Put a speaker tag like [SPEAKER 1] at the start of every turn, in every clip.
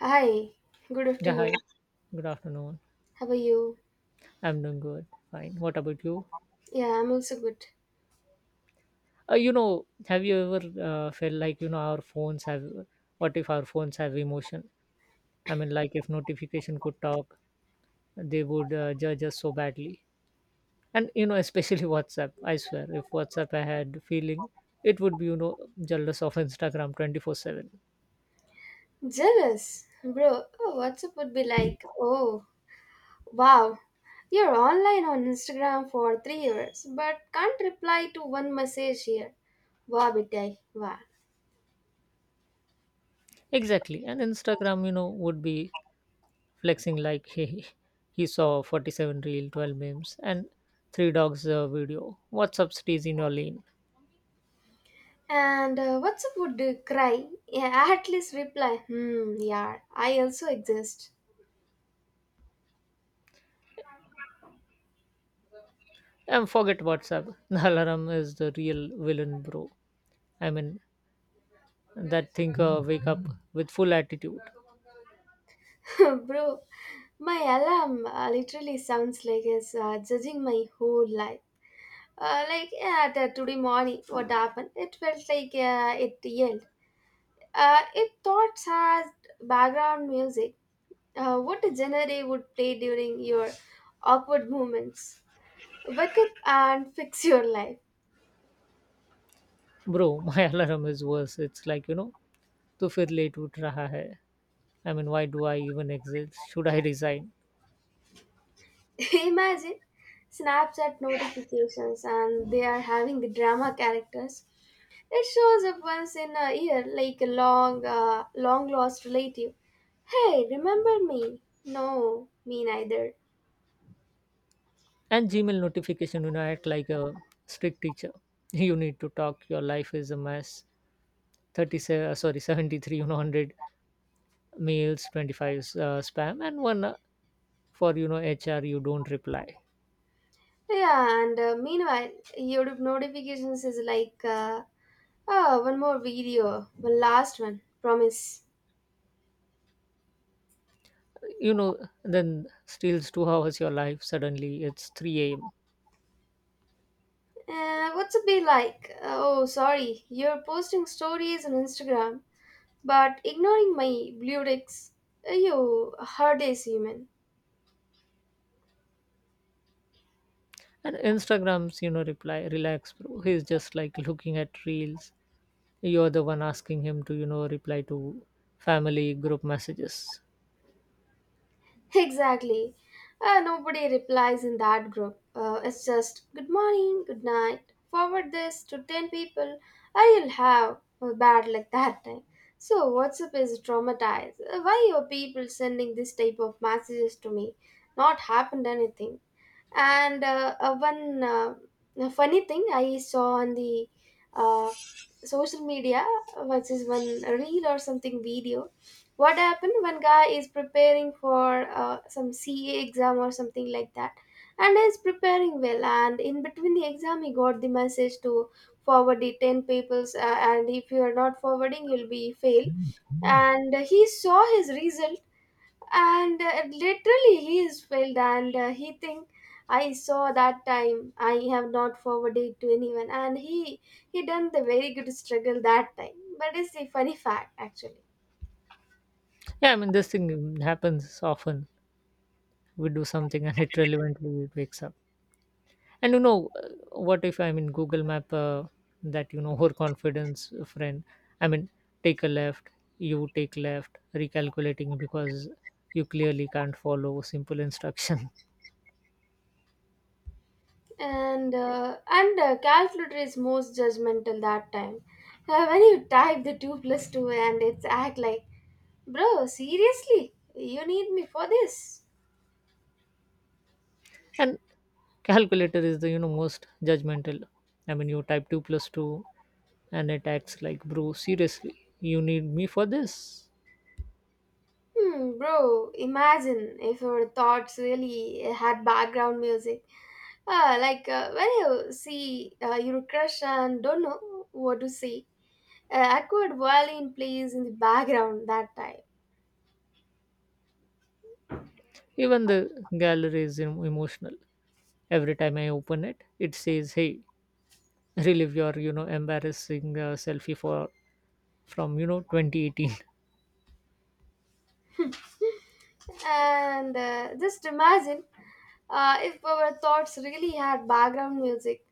[SPEAKER 1] Hi, good
[SPEAKER 2] Yeah,
[SPEAKER 1] afternoon.
[SPEAKER 2] hi. Good afternoon.
[SPEAKER 1] How are you?
[SPEAKER 2] I'm doing good. Fine. What about you?
[SPEAKER 1] Yeah, I'm also good.
[SPEAKER 2] You know, have you ever felt like, what if our phones have emotion? I mean, like if notification could talk, they would judge us so badly. And, especially WhatsApp. I swear, if WhatsApp had feeling, it would be, jealous of Instagram 24/7.
[SPEAKER 1] Jealous? Bro, oh, WhatsApp would be like, oh, wow, you're online on Instagram for 3 hours, but can't reply to one message here. Wow, bitai, wow.
[SPEAKER 2] Exactly. And Instagram, would be flexing, like he saw 47 reel 12 memes and three dogs video. WhatsApp, stays in your lane.
[SPEAKER 1] And WhatsApp would cry, yeah, at least reply, hmm, yeah, I also exist.
[SPEAKER 2] And forget WhatsApp. The alarm is the real villain, bro. I mean, that thing, wake up with full attitude.
[SPEAKER 1] Bro, my alarm literally sounds like it's judging my whole life. Like yeah, today morning, what happened? It felt like it yelled. It thought as background music. What genre it would play during your awkward moments? Wake up and fix your life.
[SPEAKER 2] Bro, my alarm is worse. It's like, to fir late ut raha hai. I mean, why do I even exist? Should I resign?
[SPEAKER 1] Imagine Snapchat notifications, and they are having the drama characters. It shows up once in a year, like a long lost relative. Hey, remember me? No, me neither.
[SPEAKER 2] And Gmail notification act like a strict teacher. You need to talk, your life is a mess. 37, sorry 73, 100 mails, 25 spam, and one for HR. You don't reply.
[SPEAKER 1] Yeah, and meanwhile, your notifications is like, oh, one more video, one last one, promise.
[SPEAKER 2] you know then steals 2 hours your life, suddenly it's 3 a.m.
[SPEAKER 1] What's it be like? Oh, sorry, you're posting stories on Instagram, but ignoring my blue ticks. You hard as human.
[SPEAKER 2] And Instagram's reply, relax bro, he's just like looking at reels. You're the one asking him to reply to family group messages.
[SPEAKER 1] Exactly. Nobody replies in that group. It's just good morning, good night. Forward this to 10 people. I'll have a bad luck that time. So WhatsApp is traumatized. Why are people sending this type of messages to me? Not happened anything. And one funny thing I saw on the uh, social media was is one reel or something video. What happened? One guy is preparing for some CA exam or something like that, and is preparing well. And in between the exam, he got the message to forward the 10 papers, and if you are not forwarding, you'll be fail. And he saw his result and literally he is filled and he think I saw that time I have not forwarded to anyone, and he done the very good struggle that time, but it's a funny fact actually.
[SPEAKER 2] Yeah, I mean this thing happens often. We do something and it relevantly it wakes up. And what if, I mean, Google Map, that her confidence friend? I mean, take a left, you take left, recalculating because you clearly can't follow simple instruction.
[SPEAKER 1] And Calculator is most judgmental that time, when you type the 2 plus 2 and it's act like, bro, seriously, you need me for this.
[SPEAKER 2] And calculator is the most judgmental. I mean, you type two plus two, and it acts like, bro, seriously, you need me for this.
[SPEAKER 1] Hmm, bro, imagine if your thoughts really had background music. Like when you see your crush and don't know what to say, awkward violin plays in the background that time.
[SPEAKER 2] Even the gallery is emotional. Every time I open it, it says, hey, relive your embarrassing selfie for from 2018.
[SPEAKER 1] and just imagine if our thoughts really had background music.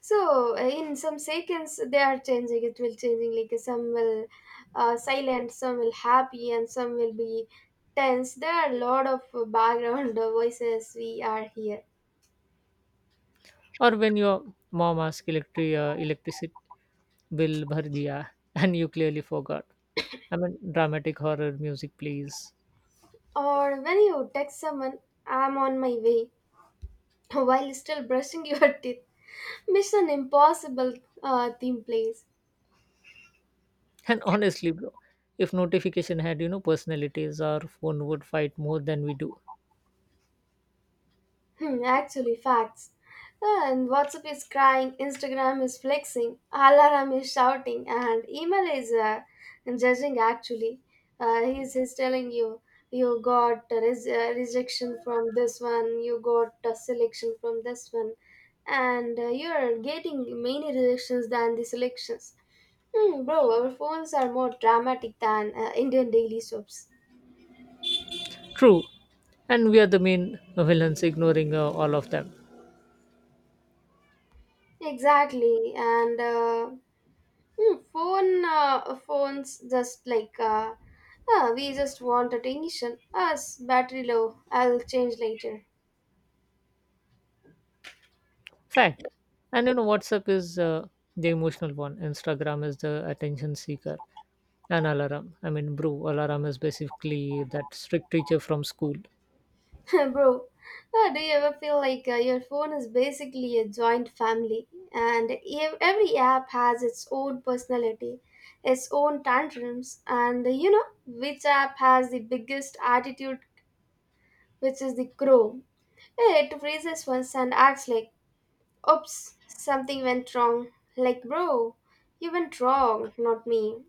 [SPEAKER 1] So in some seconds they are changing. It will changing like, some will silent, some will happy, and some will be tense. There are a lot of background voices we are here.
[SPEAKER 2] Or when your mom asks electricity bill bhar diya, and you clearly forgot. I mean, dramatic horror music please.
[SPEAKER 1] Or when you text someone, "I'm on my way," while still brushing your teeth. Mission Impossible theme plays.
[SPEAKER 2] And honestly bro, if notification had personalities, our phone would fight more than we do.
[SPEAKER 1] Hmm, actually, facts. And WhatsApp is crying, Instagram is flexing, Alarm is shouting, and email is judging. Actually, he's telling you you got rejection from this one, you got a selection from this one, and you're getting many rejections than the selections. Hmm, bro, our phones are more dramatic than Indian daily soaps.
[SPEAKER 2] True. And we are the main villains, ignoring all of them.
[SPEAKER 1] Exactly, and hmm, phones just like, we just want attention. Us battery low. I'll change later.
[SPEAKER 2] Fact. And WhatsApp is the emotional one. Instagram is the attention seeker. And alarm. I mean, bro, alarm is basically that strict teacher from school.
[SPEAKER 1] Bro. Do you ever feel like your phone is basically a joint family, and every app has its own personality, its own tantrums, and you know which app has the biggest attitude, which is the Chrome. It freezes once and acts like, oops, something went wrong. Like, bro, you went wrong, not me.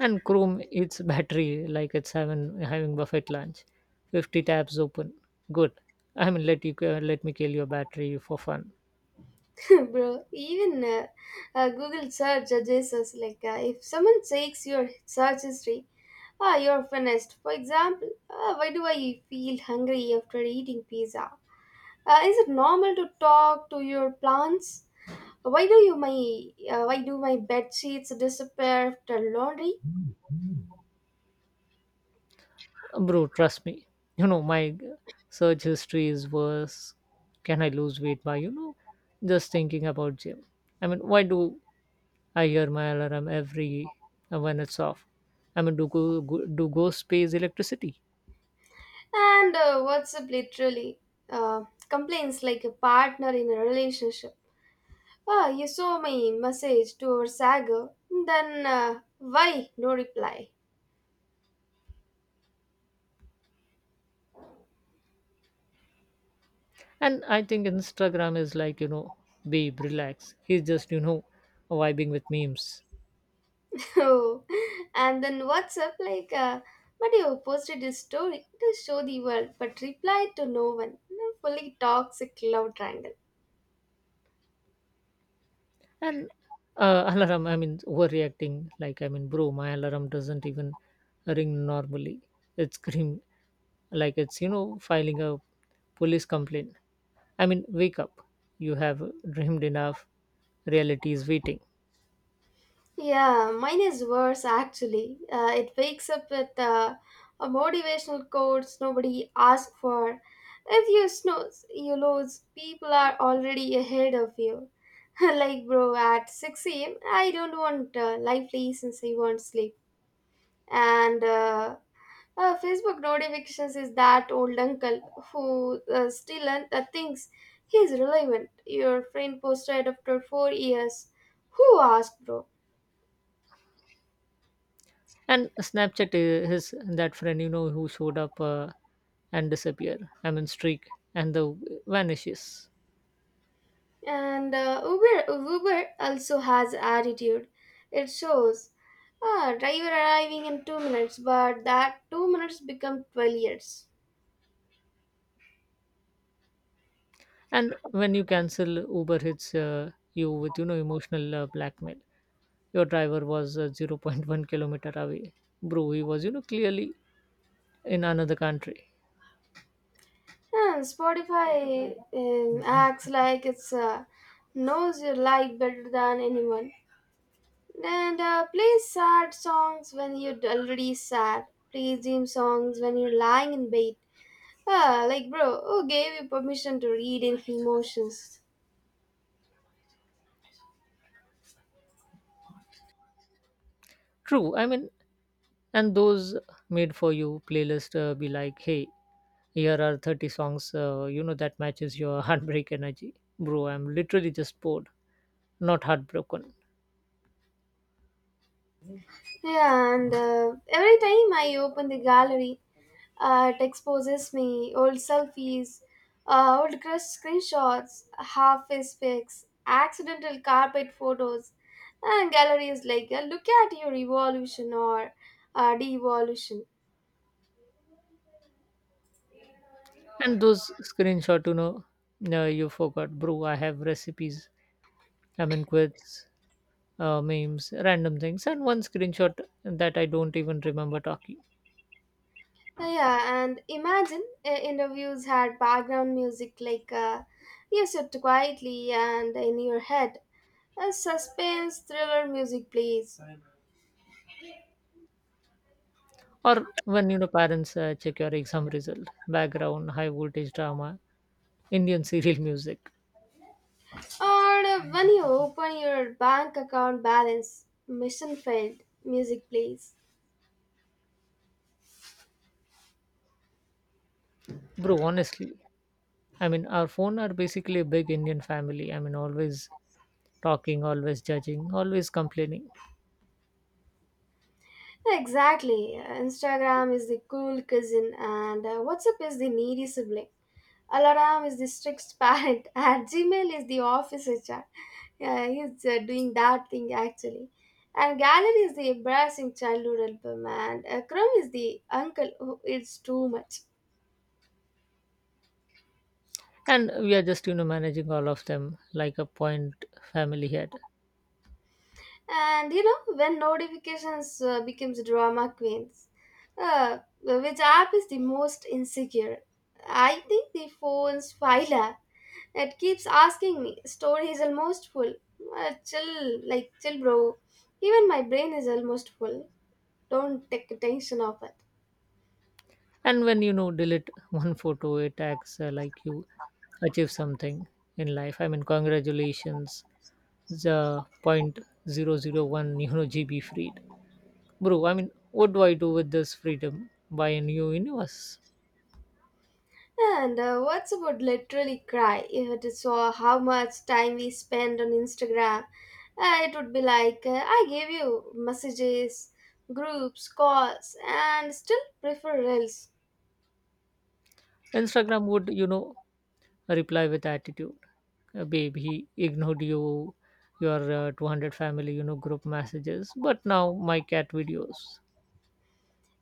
[SPEAKER 2] And Chrome, its battery, like it's having buffet lunch. 50 tabs open. Good. I mean, let me kill your battery for fun.
[SPEAKER 1] Bro, even Google search judges us. Like, if someone takes your search history, ah, you're finished. For example, why do I feel hungry after eating pizza? Is it normal to talk to your plants? Why do you my why do my bed sheets disappear after laundry?
[SPEAKER 2] Bro, trust me. You know my search history is worse. Can I lose weight by just thinking about gym? I mean, why do I hear my alarm every when it's off. I mean, do go do ghosts pays electricity?
[SPEAKER 1] And WhatsApp literally complains like a partner in a relationship. Ah, you saw my message to our saga, then why no reply?
[SPEAKER 2] And I think Instagram is like, babe, relax. He's just, vibing with memes.
[SPEAKER 1] Oh, and then WhatsApp like, but you posted this story to show the world, but replied to no one. No. Fully toxic love triangle.
[SPEAKER 2] And alarm, I mean, overreacting. Like, I mean, bro, my alarm doesn't even ring normally. It's scream, like it's filing a police complaint. I mean, wake up. You have dreamed enough. Reality is waiting.
[SPEAKER 1] Yeah, mine is worse actually. It wakes up with a motivational quotes nobody asked for. If you snooze, you lose. People are already ahead of you. Like bro, at six a.m. I don't want life lessons. I want sleep. And Facebook notifications is that old uncle who still thinks he's relevant. Your friend posted after 4 years. Who asked, bro?
[SPEAKER 2] And Snapchat is his that friend who showed up and disappear. I mean, streak and the vanishes.
[SPEAKER 1] And Uber, Uber also has attitude. It shows, ah, driver arriving in 2 minutes, but that 2 minutes become 12 years.
[SPEAKER 2] And when you cancel, Uber hits you with emotional blackmail. Your driver was 0. 0.1 kilometer away. Bro, he was clearly in another country.
[SPEAKER 1] And Spotify acts like it's knows your life better than anyone. And play sad songs when you're already sad. Play dream songs when you're lying in bed. Ah, like bro, who gave you permission to read in emotions?
[SPEAKER 2] True. I mean, and those made for you playlist, be like, hey, here are 30 songs that matches your heartbreak energy. Bro, I'm literally just bored, not heartbroken.
[SPEAKER 1] Yeah, and every time I open the gallery, it exposes me old selfies, old crushed screenshots, half face pics, accidental carpet photos, and gallery is like, look at your evolution or devolution.
[SPEAKER 2] And those screenshot, you forgot, bro. I have recipes. I mean, quotes, memes, random things, and one screenshot that I don't even remember talking.
[SPEAKER 1] Yeah, and imagine interviews had background music like you sit quietly and in your head. A suspense thriller music plays.
[SPEAKER 2] Or when parents check your exam result, background, high voltage drama, Indian serial music.
[SPEAKER 1] Or when you open your bank account balance, mission failed, music plays.
[SPEAKER 2] Bro, honestly, I mean, our phone are basically a big Indian family. I mean, always talking, always judging, always complaining.
[SPEAKER 1] Exactly. Instagram is the cool cousin, and WhatsApp is the needy sibling. Alarm is the strict parent, and Gmail is the office HR. Yeah, he's doing that thing actually. And Gallery is the embarrassing childhood album, and Chrome is the uncle who eats too much.
[SPEAKER 2] And we are just managing all of them like a point family head.
[SPEAKER 1] And you know when notifications becomes drama queens, which app is the most insecure? I think the phone's file app. It keeps asking me storage is almost full. Chill, like chill bro, even my brain is almost full. Don't take attention of it.
[SPEAKER 2] And when delete one photo, it acts like you achieve something in life. I mean, congratulations, the point 001 GB freed. Bro, I mean, what do I do with this freedom? Buy a new universe.
[SPEAKER 1] And WhatsApp would literally cry if it saw how much time we spend on Instagram. It would be like, I gave you messages, groups, calls, and still prefer Reels.
[SPEAKER 2] Instagram would, reply with attitude. Babe, he ignored you, your 200 family, group messages, but now my cat videos.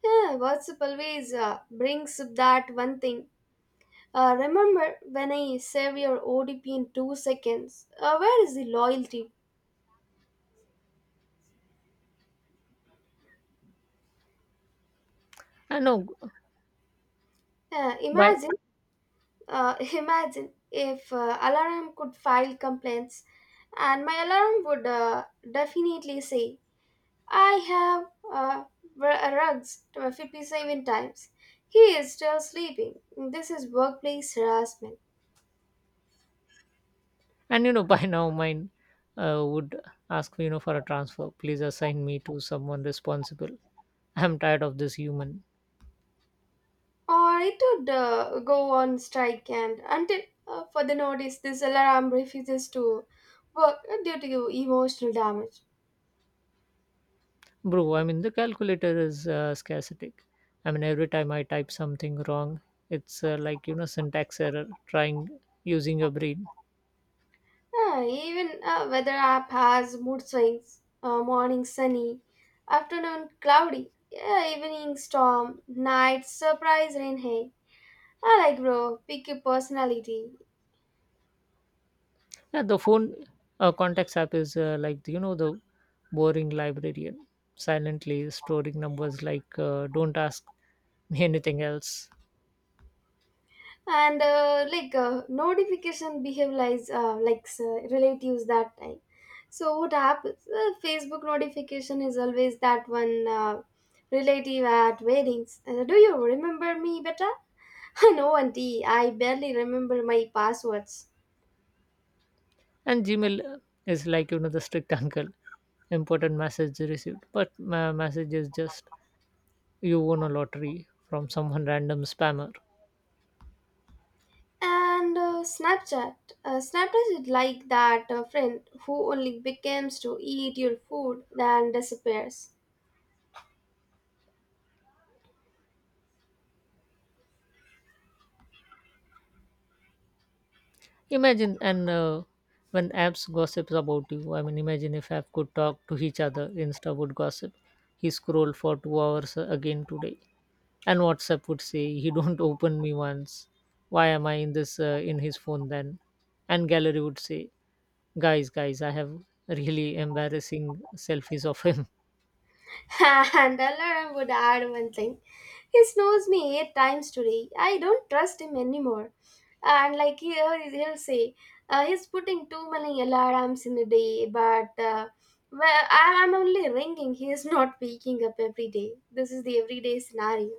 [SPEAKER 1] Yeah, WhatsApp always brings up that one thing. Remember when I save your ODP in 2 seconds? Where is the loyalty?
[SPEAKER 2] I know. By
[SPEAKER 1] Imagine imagine if alarm could file complaints, and my alarm would definitely say, "I have uh, rugs to 57 times. He is still sleeping. This is workplace harassment."
[SPEAKER 2] And, by now, mine would ask for a transfer. Please assign me to someone responsible. I'm tired of this human,
[SPEAKER 1] Or it would go on strike, and until further notice, this alarm refuses to work due to emotional damage.
[SPEAKER 2] bro. I mean the calculator is scarcity. I mean, every time I type something wrong, it's like, syntax error. Trying using your brain.
[SPEAKER 1] Yeah, even a weather app has mood swings. Morning sunny, afternoon cloudy, yeah, evening storm, night surprise rain. Hey, I like bro, pick your personality.
[SPEAKER 2] Yeah, the phone contacts app is like, the boring librarian, silently storing numbers like, don't ask me anything else.
[SPEAKER 1] And like notification behave like relatives that time. So what happens? Facebook notification is always that one relative at weddings. Do you remember me better? No, auntie. I barely remember my passwords.
[SPEAKER 2] And Gmail is like, the strict uncle, important message received, but my message is just, you won a lottery from someone random spammer.
[SPEAKER 1] And Snapchat. Snapchat is like that friend who only becomes to eat your food, then disappears.
[SPEAKER 2] Imagine, and when apps gossips about you, I mean, imagine if app could talk to each other. Insta would gossip, he scrolled for 2 hours again today. And WhatsApp would say, he don't open me once. Why am I in this in his phone then? And gallery would say, guys, guys, I have really embarrassing selfies of him.
[SPEAKER 1] And Alara would add one thing. He snores me 8 times today. I don't trust him anymore. And like here, he'll say, he's putting too many alarms in a day, but well, I'm only ringing. He is not waking up every day. This is the everyday scenario.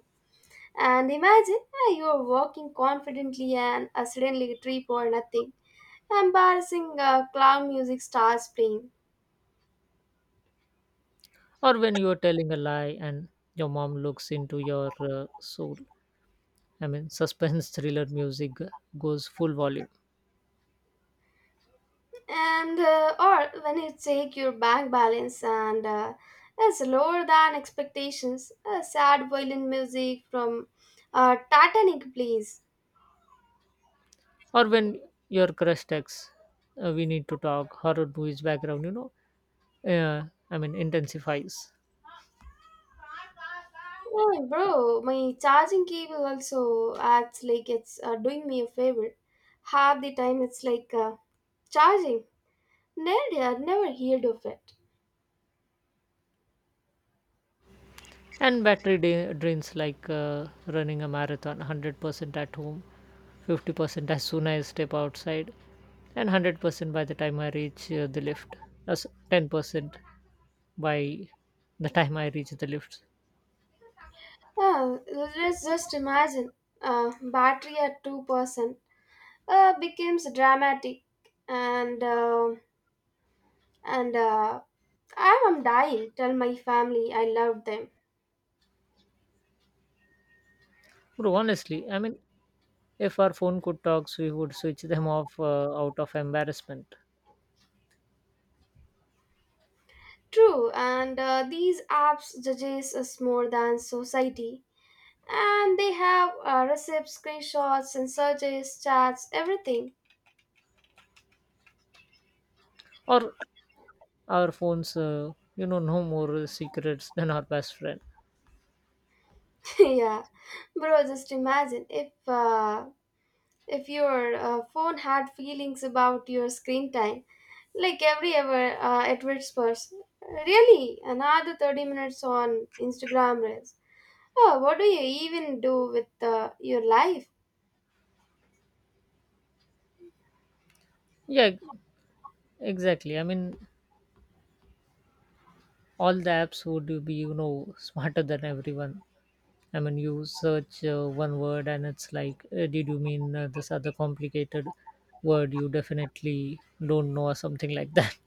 [SPEAKER 1] And imagine ah, you are walking confidently and suddenly a tree for nothing. Embarrassing clown music starts playing.
[SPEAKER 2] Or when you are telling a lie and your mom looks into your soul, I mean, suspense thriller music goes full volume.
[SPEAKER 1] And or when you take your bank balance and is lower than expectations, a sad violin music from Titanic plays.
[SPEAKER 2] Or when your crush texts, we need to talk, horror movies background, uh, I mean, intensifies.
[SPEAKER 1] Oh, bro, my charging cable also acts like it's doing me a favor. Half the time it's like, charging. Never heard of it.
[SPEAKER 2] And battery drains, like running a marathon. 100% at home, 50% as soon as I step outside, and 100% by the time I reach the lift. That's 10% by the time I reach the lift.
[SPEAKER 1] Oh, let's just imagine battery at 2% becomes dramatic and uh, and I am dying. Tell my family I love them.
[SPEAKER 2] Bro, honestly, I mean, if our phone could talk, we would switch them off out of embarrassment.
[SPEAKER 1] True, and these apps judges us more than society. And they have receipts, screenshots, and searches, chats, everything.
[SPEAKER 2] Or our phones, no more secrets than our best friend.
[SPEAKER 1] Yeah, bro, just imagine if your phone had feelings about your screen time, like every ever at which person, really another 30 minutes on Instagram reels? Oh, what do you even do with your life?
[SPEAKER 2] Yeah, exactly. I mean, all the apps would be, smarter than everyone. I mean, you search one word and it's like, did you mean this other complicated word you definitely don't know or something like that?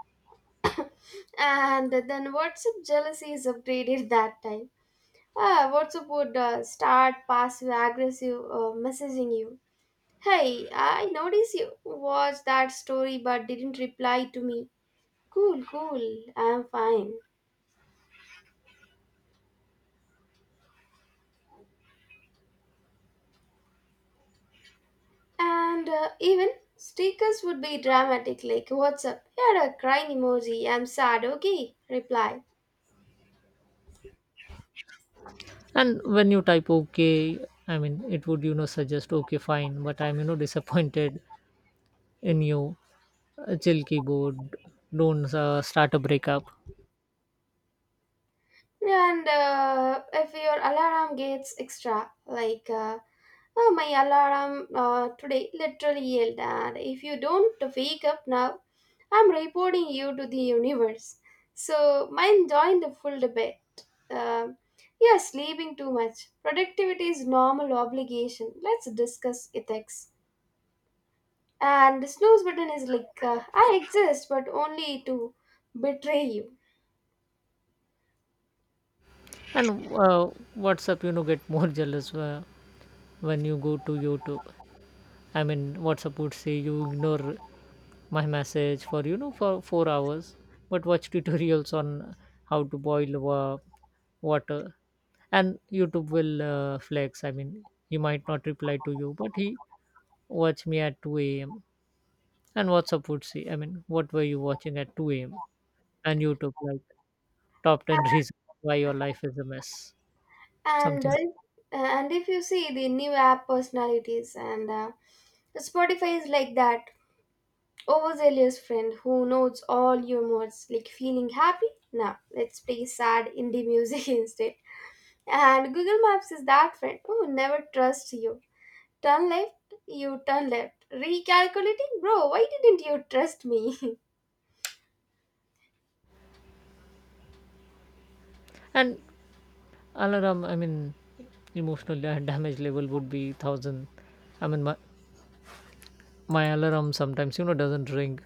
[SPEAKER 1] And then WhatsApp jealousy is upgraded that time. Ah, WhatsApp would start passive aggressive messaging you. Hey, I noticed you watched that story but didn't reply to me. Cool, cool, I'm fine. And even stickers would be dramatic, like "What's up?" Here a crying emoji. I'm sad. Okay, reply.
[SPEAKER 2] And when you type OK, I mean, it would, suggest, okay, fine, but I'm, disappointed in you. Chill keyboard, don't start a breakup.
[SPEAKER 1] And if your alarm gets extra, like "Oh, my alarm today literally yelled," and if you don't wake up now, I'm reporting you to the universe. So mine joined the full debate. Yeah, sleeping too much. Productivity is normal obligation. Let's discuss ethics. And the snooze button is like, I exist, but only to betray you.
[SPEAKER 2] And WhatsApp, get more jealous when you go to YouTube. I mean, WhatsApp would say, you ignore my message for, 4 hours, but watch tutorials on how to boil water. And YouTube will flex. I mean, he might not reply to you, but he watch me at 2 a.m. And WhatsApp would say, I mean, what were you watching at 2 a.m.? And YouTube, like, top 10 reasons why your life is a mess
[SPEAKER 1] And uh,
[SPEAKER 2] something.
[SPEAKER 1] and if you see the new app personalities and Spotify is like that overzealous friend who knows all your moods. Like, feeling happy, now let's play sad indie music instead. And Google Maps is that friend who never trusts you. Turn left, you turn left. Recalculating, bro. Why didn't you trust me?
[SPEAKER 2] And alarm, I mean, emotional damage level would be 1,000. I mean, my alarm sometimes doesn't ring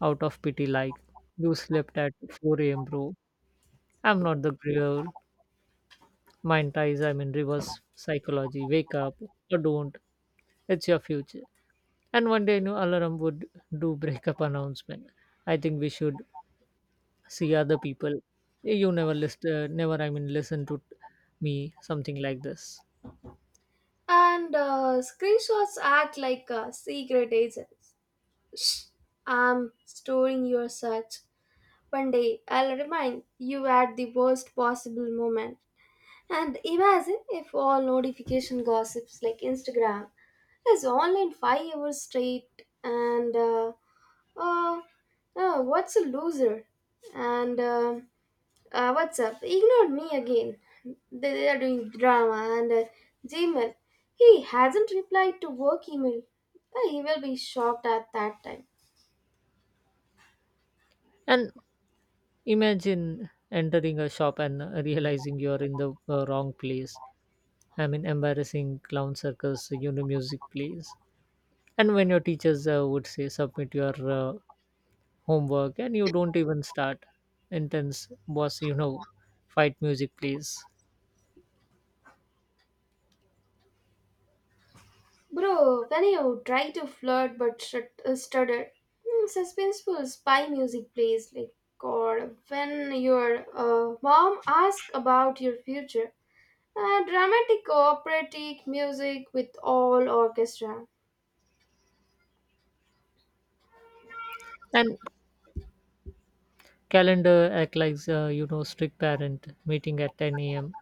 [SPEAKER 2] out of pity. Like, you slept at 4 a.m. bro, I'm not the girl. Mind ties, I mean, reverse psychology. Wake up or don't. It's your future. And one day new alarm would do breakup announcement. I think we should see other people. "Eh, you never list never, I mean, listen to me something like this.
[SPEAKER 1] And screenshots act like secret agents. Shh, I'm storing your search. One day I'll remind you at the worst possible moment. And imagine if all notification gossips, like Instagram is online 5 hours straight and uh, what's a loser? And what's up? Ignored me again. They are doing drama and Gmail. He hasn't replied to work email. He will be shocked at that time.
[SPEAKER 2] And imagine entering a shop and realizing you're in the wrong place. I mean, embarrassing clown circus music plays. And when your teachers would say submit your uh, homework and you don't even start. Intense boss fight music plays.
[SPEAKER 1] Bro, when you try to flirt but stutter, hmm, suspenseful spy music plays like God. When your mom asks about your future, dramatic operatic music with all orchestra.
[SPEAKER 2] And calendar act like, strict parent. Meeting at 10 a.m.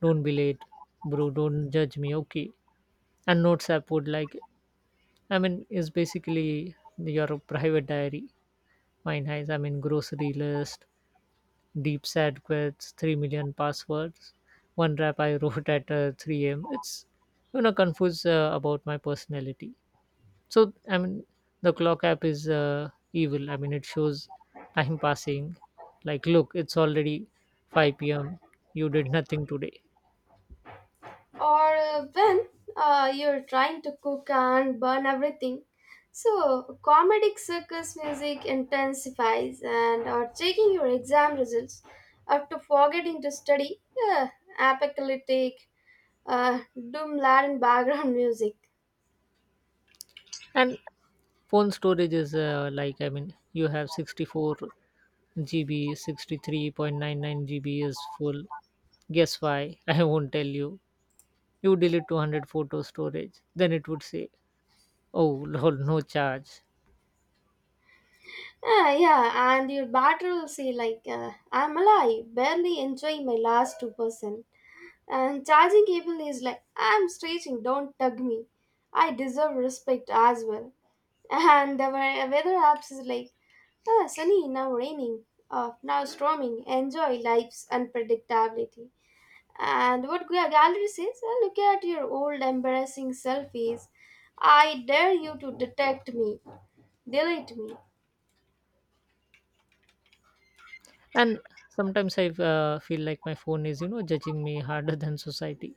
[SPEAKER 2] Don't be late, bro. Don't judge me, okay? And notes app would, like I mean, is basically your private diary. Mine has, I mean, grocery list, deep sad quits, 3 million passwords, one rap I wrote at 3 a.m. It's confused about my personality. So, I mean, the clock app is evil. I mean, it shows time passing. Like, look, it's already 5 p.m. you did nothing today.
[SPEAKER 1] Or when you're trying to cook and burn everything, so comedic circus music intensifies. And or checking your exam results after forgetting to study, uh, apocalyptic, doom laden background music.
[SPEAKER 2] And phone storage is like, I mean, you have 64 GB, 63.99 gb is full. Guess why? I won't tell you. You delete 200 photo storage, then it would say, oh lol no charge.
[SPEAKER 1] Ah, yeah, and your battery will say, like, I'm alive, barely enjoying my last 2%. And charging cable is like, I'm stretching, don't tug me. I deserve respect as well. And the weather apps is like, ah, sunny, now raining. Oh, now storming, enjoy life's unpredictability. And what gallery says, "Ah, look at your old embarrassing selfies. I dare you to detect me, delete me.
[SPEAKER 2] And sometimes I feel like my phone is judging me harder than society.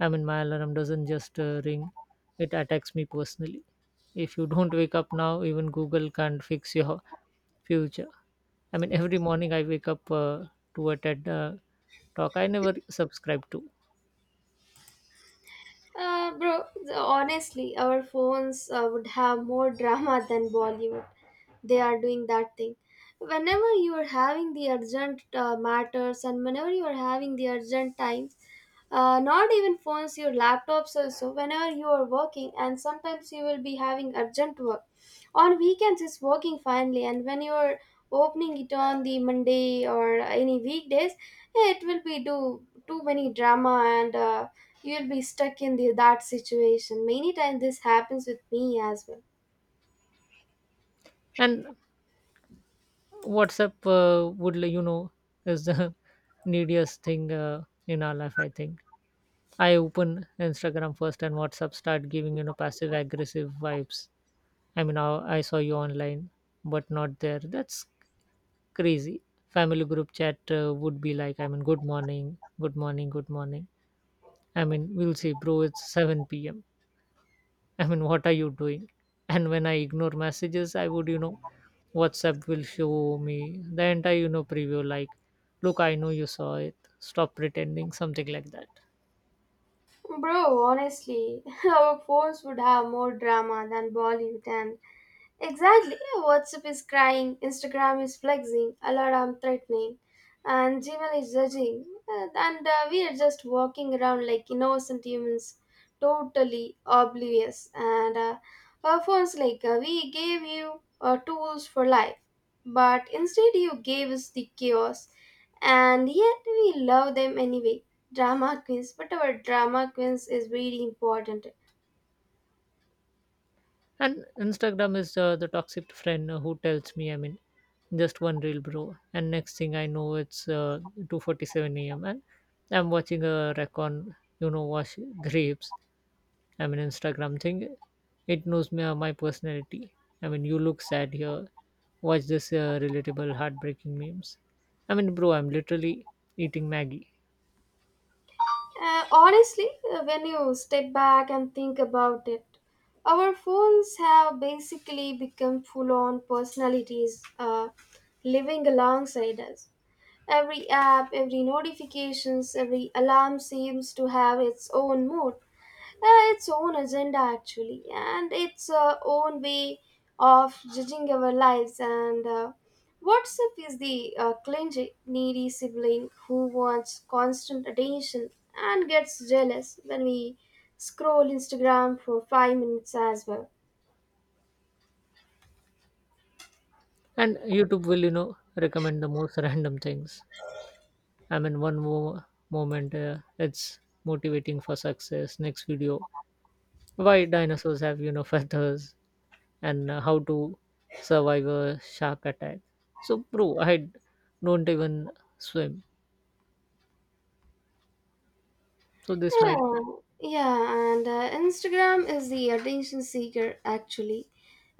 [SPEAKER 2] I mean, my alarm doesn't just ring, it attacks me personally. If you don't wake up now, even Google can't fix your future. I mean, every morning I wake up to a TED talk I never subscribe to.
[SPEAKER 1] Bro, honestly, our phones would have more drama than Bollywood. They are doing that thing, whenever you are having the urgent matters and whenever you are having the urgent times. Not even phones, your laptops also, whenever you are working and sometimes you will be having urgent work on weekends is working finally, and when you are opening it on the Monday or any weekdays, it will be do too many drama. And you will be stuck in that situation. Many times this happens with me as well.
[SPEAKER 2] And WhatsApp would, is the neediest thing in our life, I think. I open Instagram first and WhatsApp start giving, passive aggressive vibes. I mean, I saw you online, but not there. That's crazy. Family group chat would be like, I mean, good morning, good morning, good morning. I mean, we'll see, bro, it's 7 p.m. I mean, what are you doing? And when I ignore messages, I would, you know, WhatsApp will show me the entire, preview like, look, I know you saw it. Stop pretending, something like that.
[SPEAKER 1] Bro, honestly, our phones would have more drama than Bollywood, and exactly. WhatsApp is crying, Instagram is flexing, alarm threatening, and Gmail is judging. And We are just walking around like innocent humans, totally oblivious. And our phones, like, we gave you tools for life, but instead you gave us the chaos. And yet we love them anyway. Drama queens, but our drama queens is really important.
[SPEAKER 2] And Instagram is the toxic friend who tells me, I mean, just one reel, bro. And next thing I know, it's 2:47 a.m. and I'm watching a recon, wash grapes. I mean, Instagram thing, it knows me, my personality. I mean, you look sad here. Watch this relatable, heartbreaking memes. I mean, bro, I'm literally eating Maggie.
[SPEAKER 1] When you step back and think about it, our phones have basically become full on personalities living alongside us. Every app, every notifications, every alarm seems to have its own mood, its own agenda actually, and its own way of judging our lives. And WhatsApp is the clingy needy sibling who wants constant attention and gets jealous when we scroll Instagram for 5 minutes as well.
[SPEAKER 2] And YouTube will, recommend the most random things. I mean, one moment it's motivating for success. Next video, why dinosaurs have feathers and how to survive a shark attack. So, bro, I don't even swim. So this might.
[SPEAKER 1] Yeah, yeah, and Instagram is the attention seeker actually.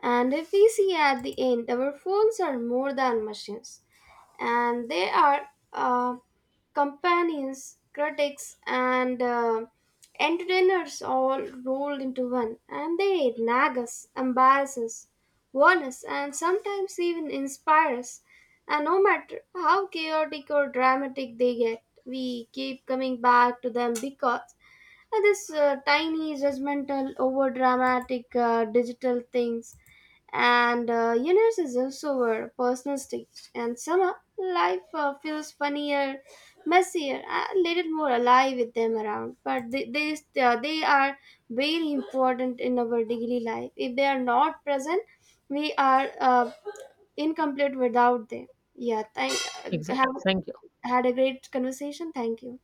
[SPEAKER 1] And if we see at the end, our phones are more than machines, and they are uh, companions, critics, and entertainers, all rolled into one. And they nag us, embarrass us, warn us, and sometimes even inspire us. And no matter how chaotic or dramatic they get, we keep coming back to them, because this tiny judgmental over dramatic digital things and universe is also our personal stage, and somehow life feels funnier, messier, a little more alive with them around. But they are very important in our daily life. If they are not present, we are incomplete without them. Yeah, thank uh,
[SPEAKER 2] Exactly.
[SPEAKER 1] have
[SPEAKER 2] Thank you.
[SPEAKER 1] had a great conversation, thank you.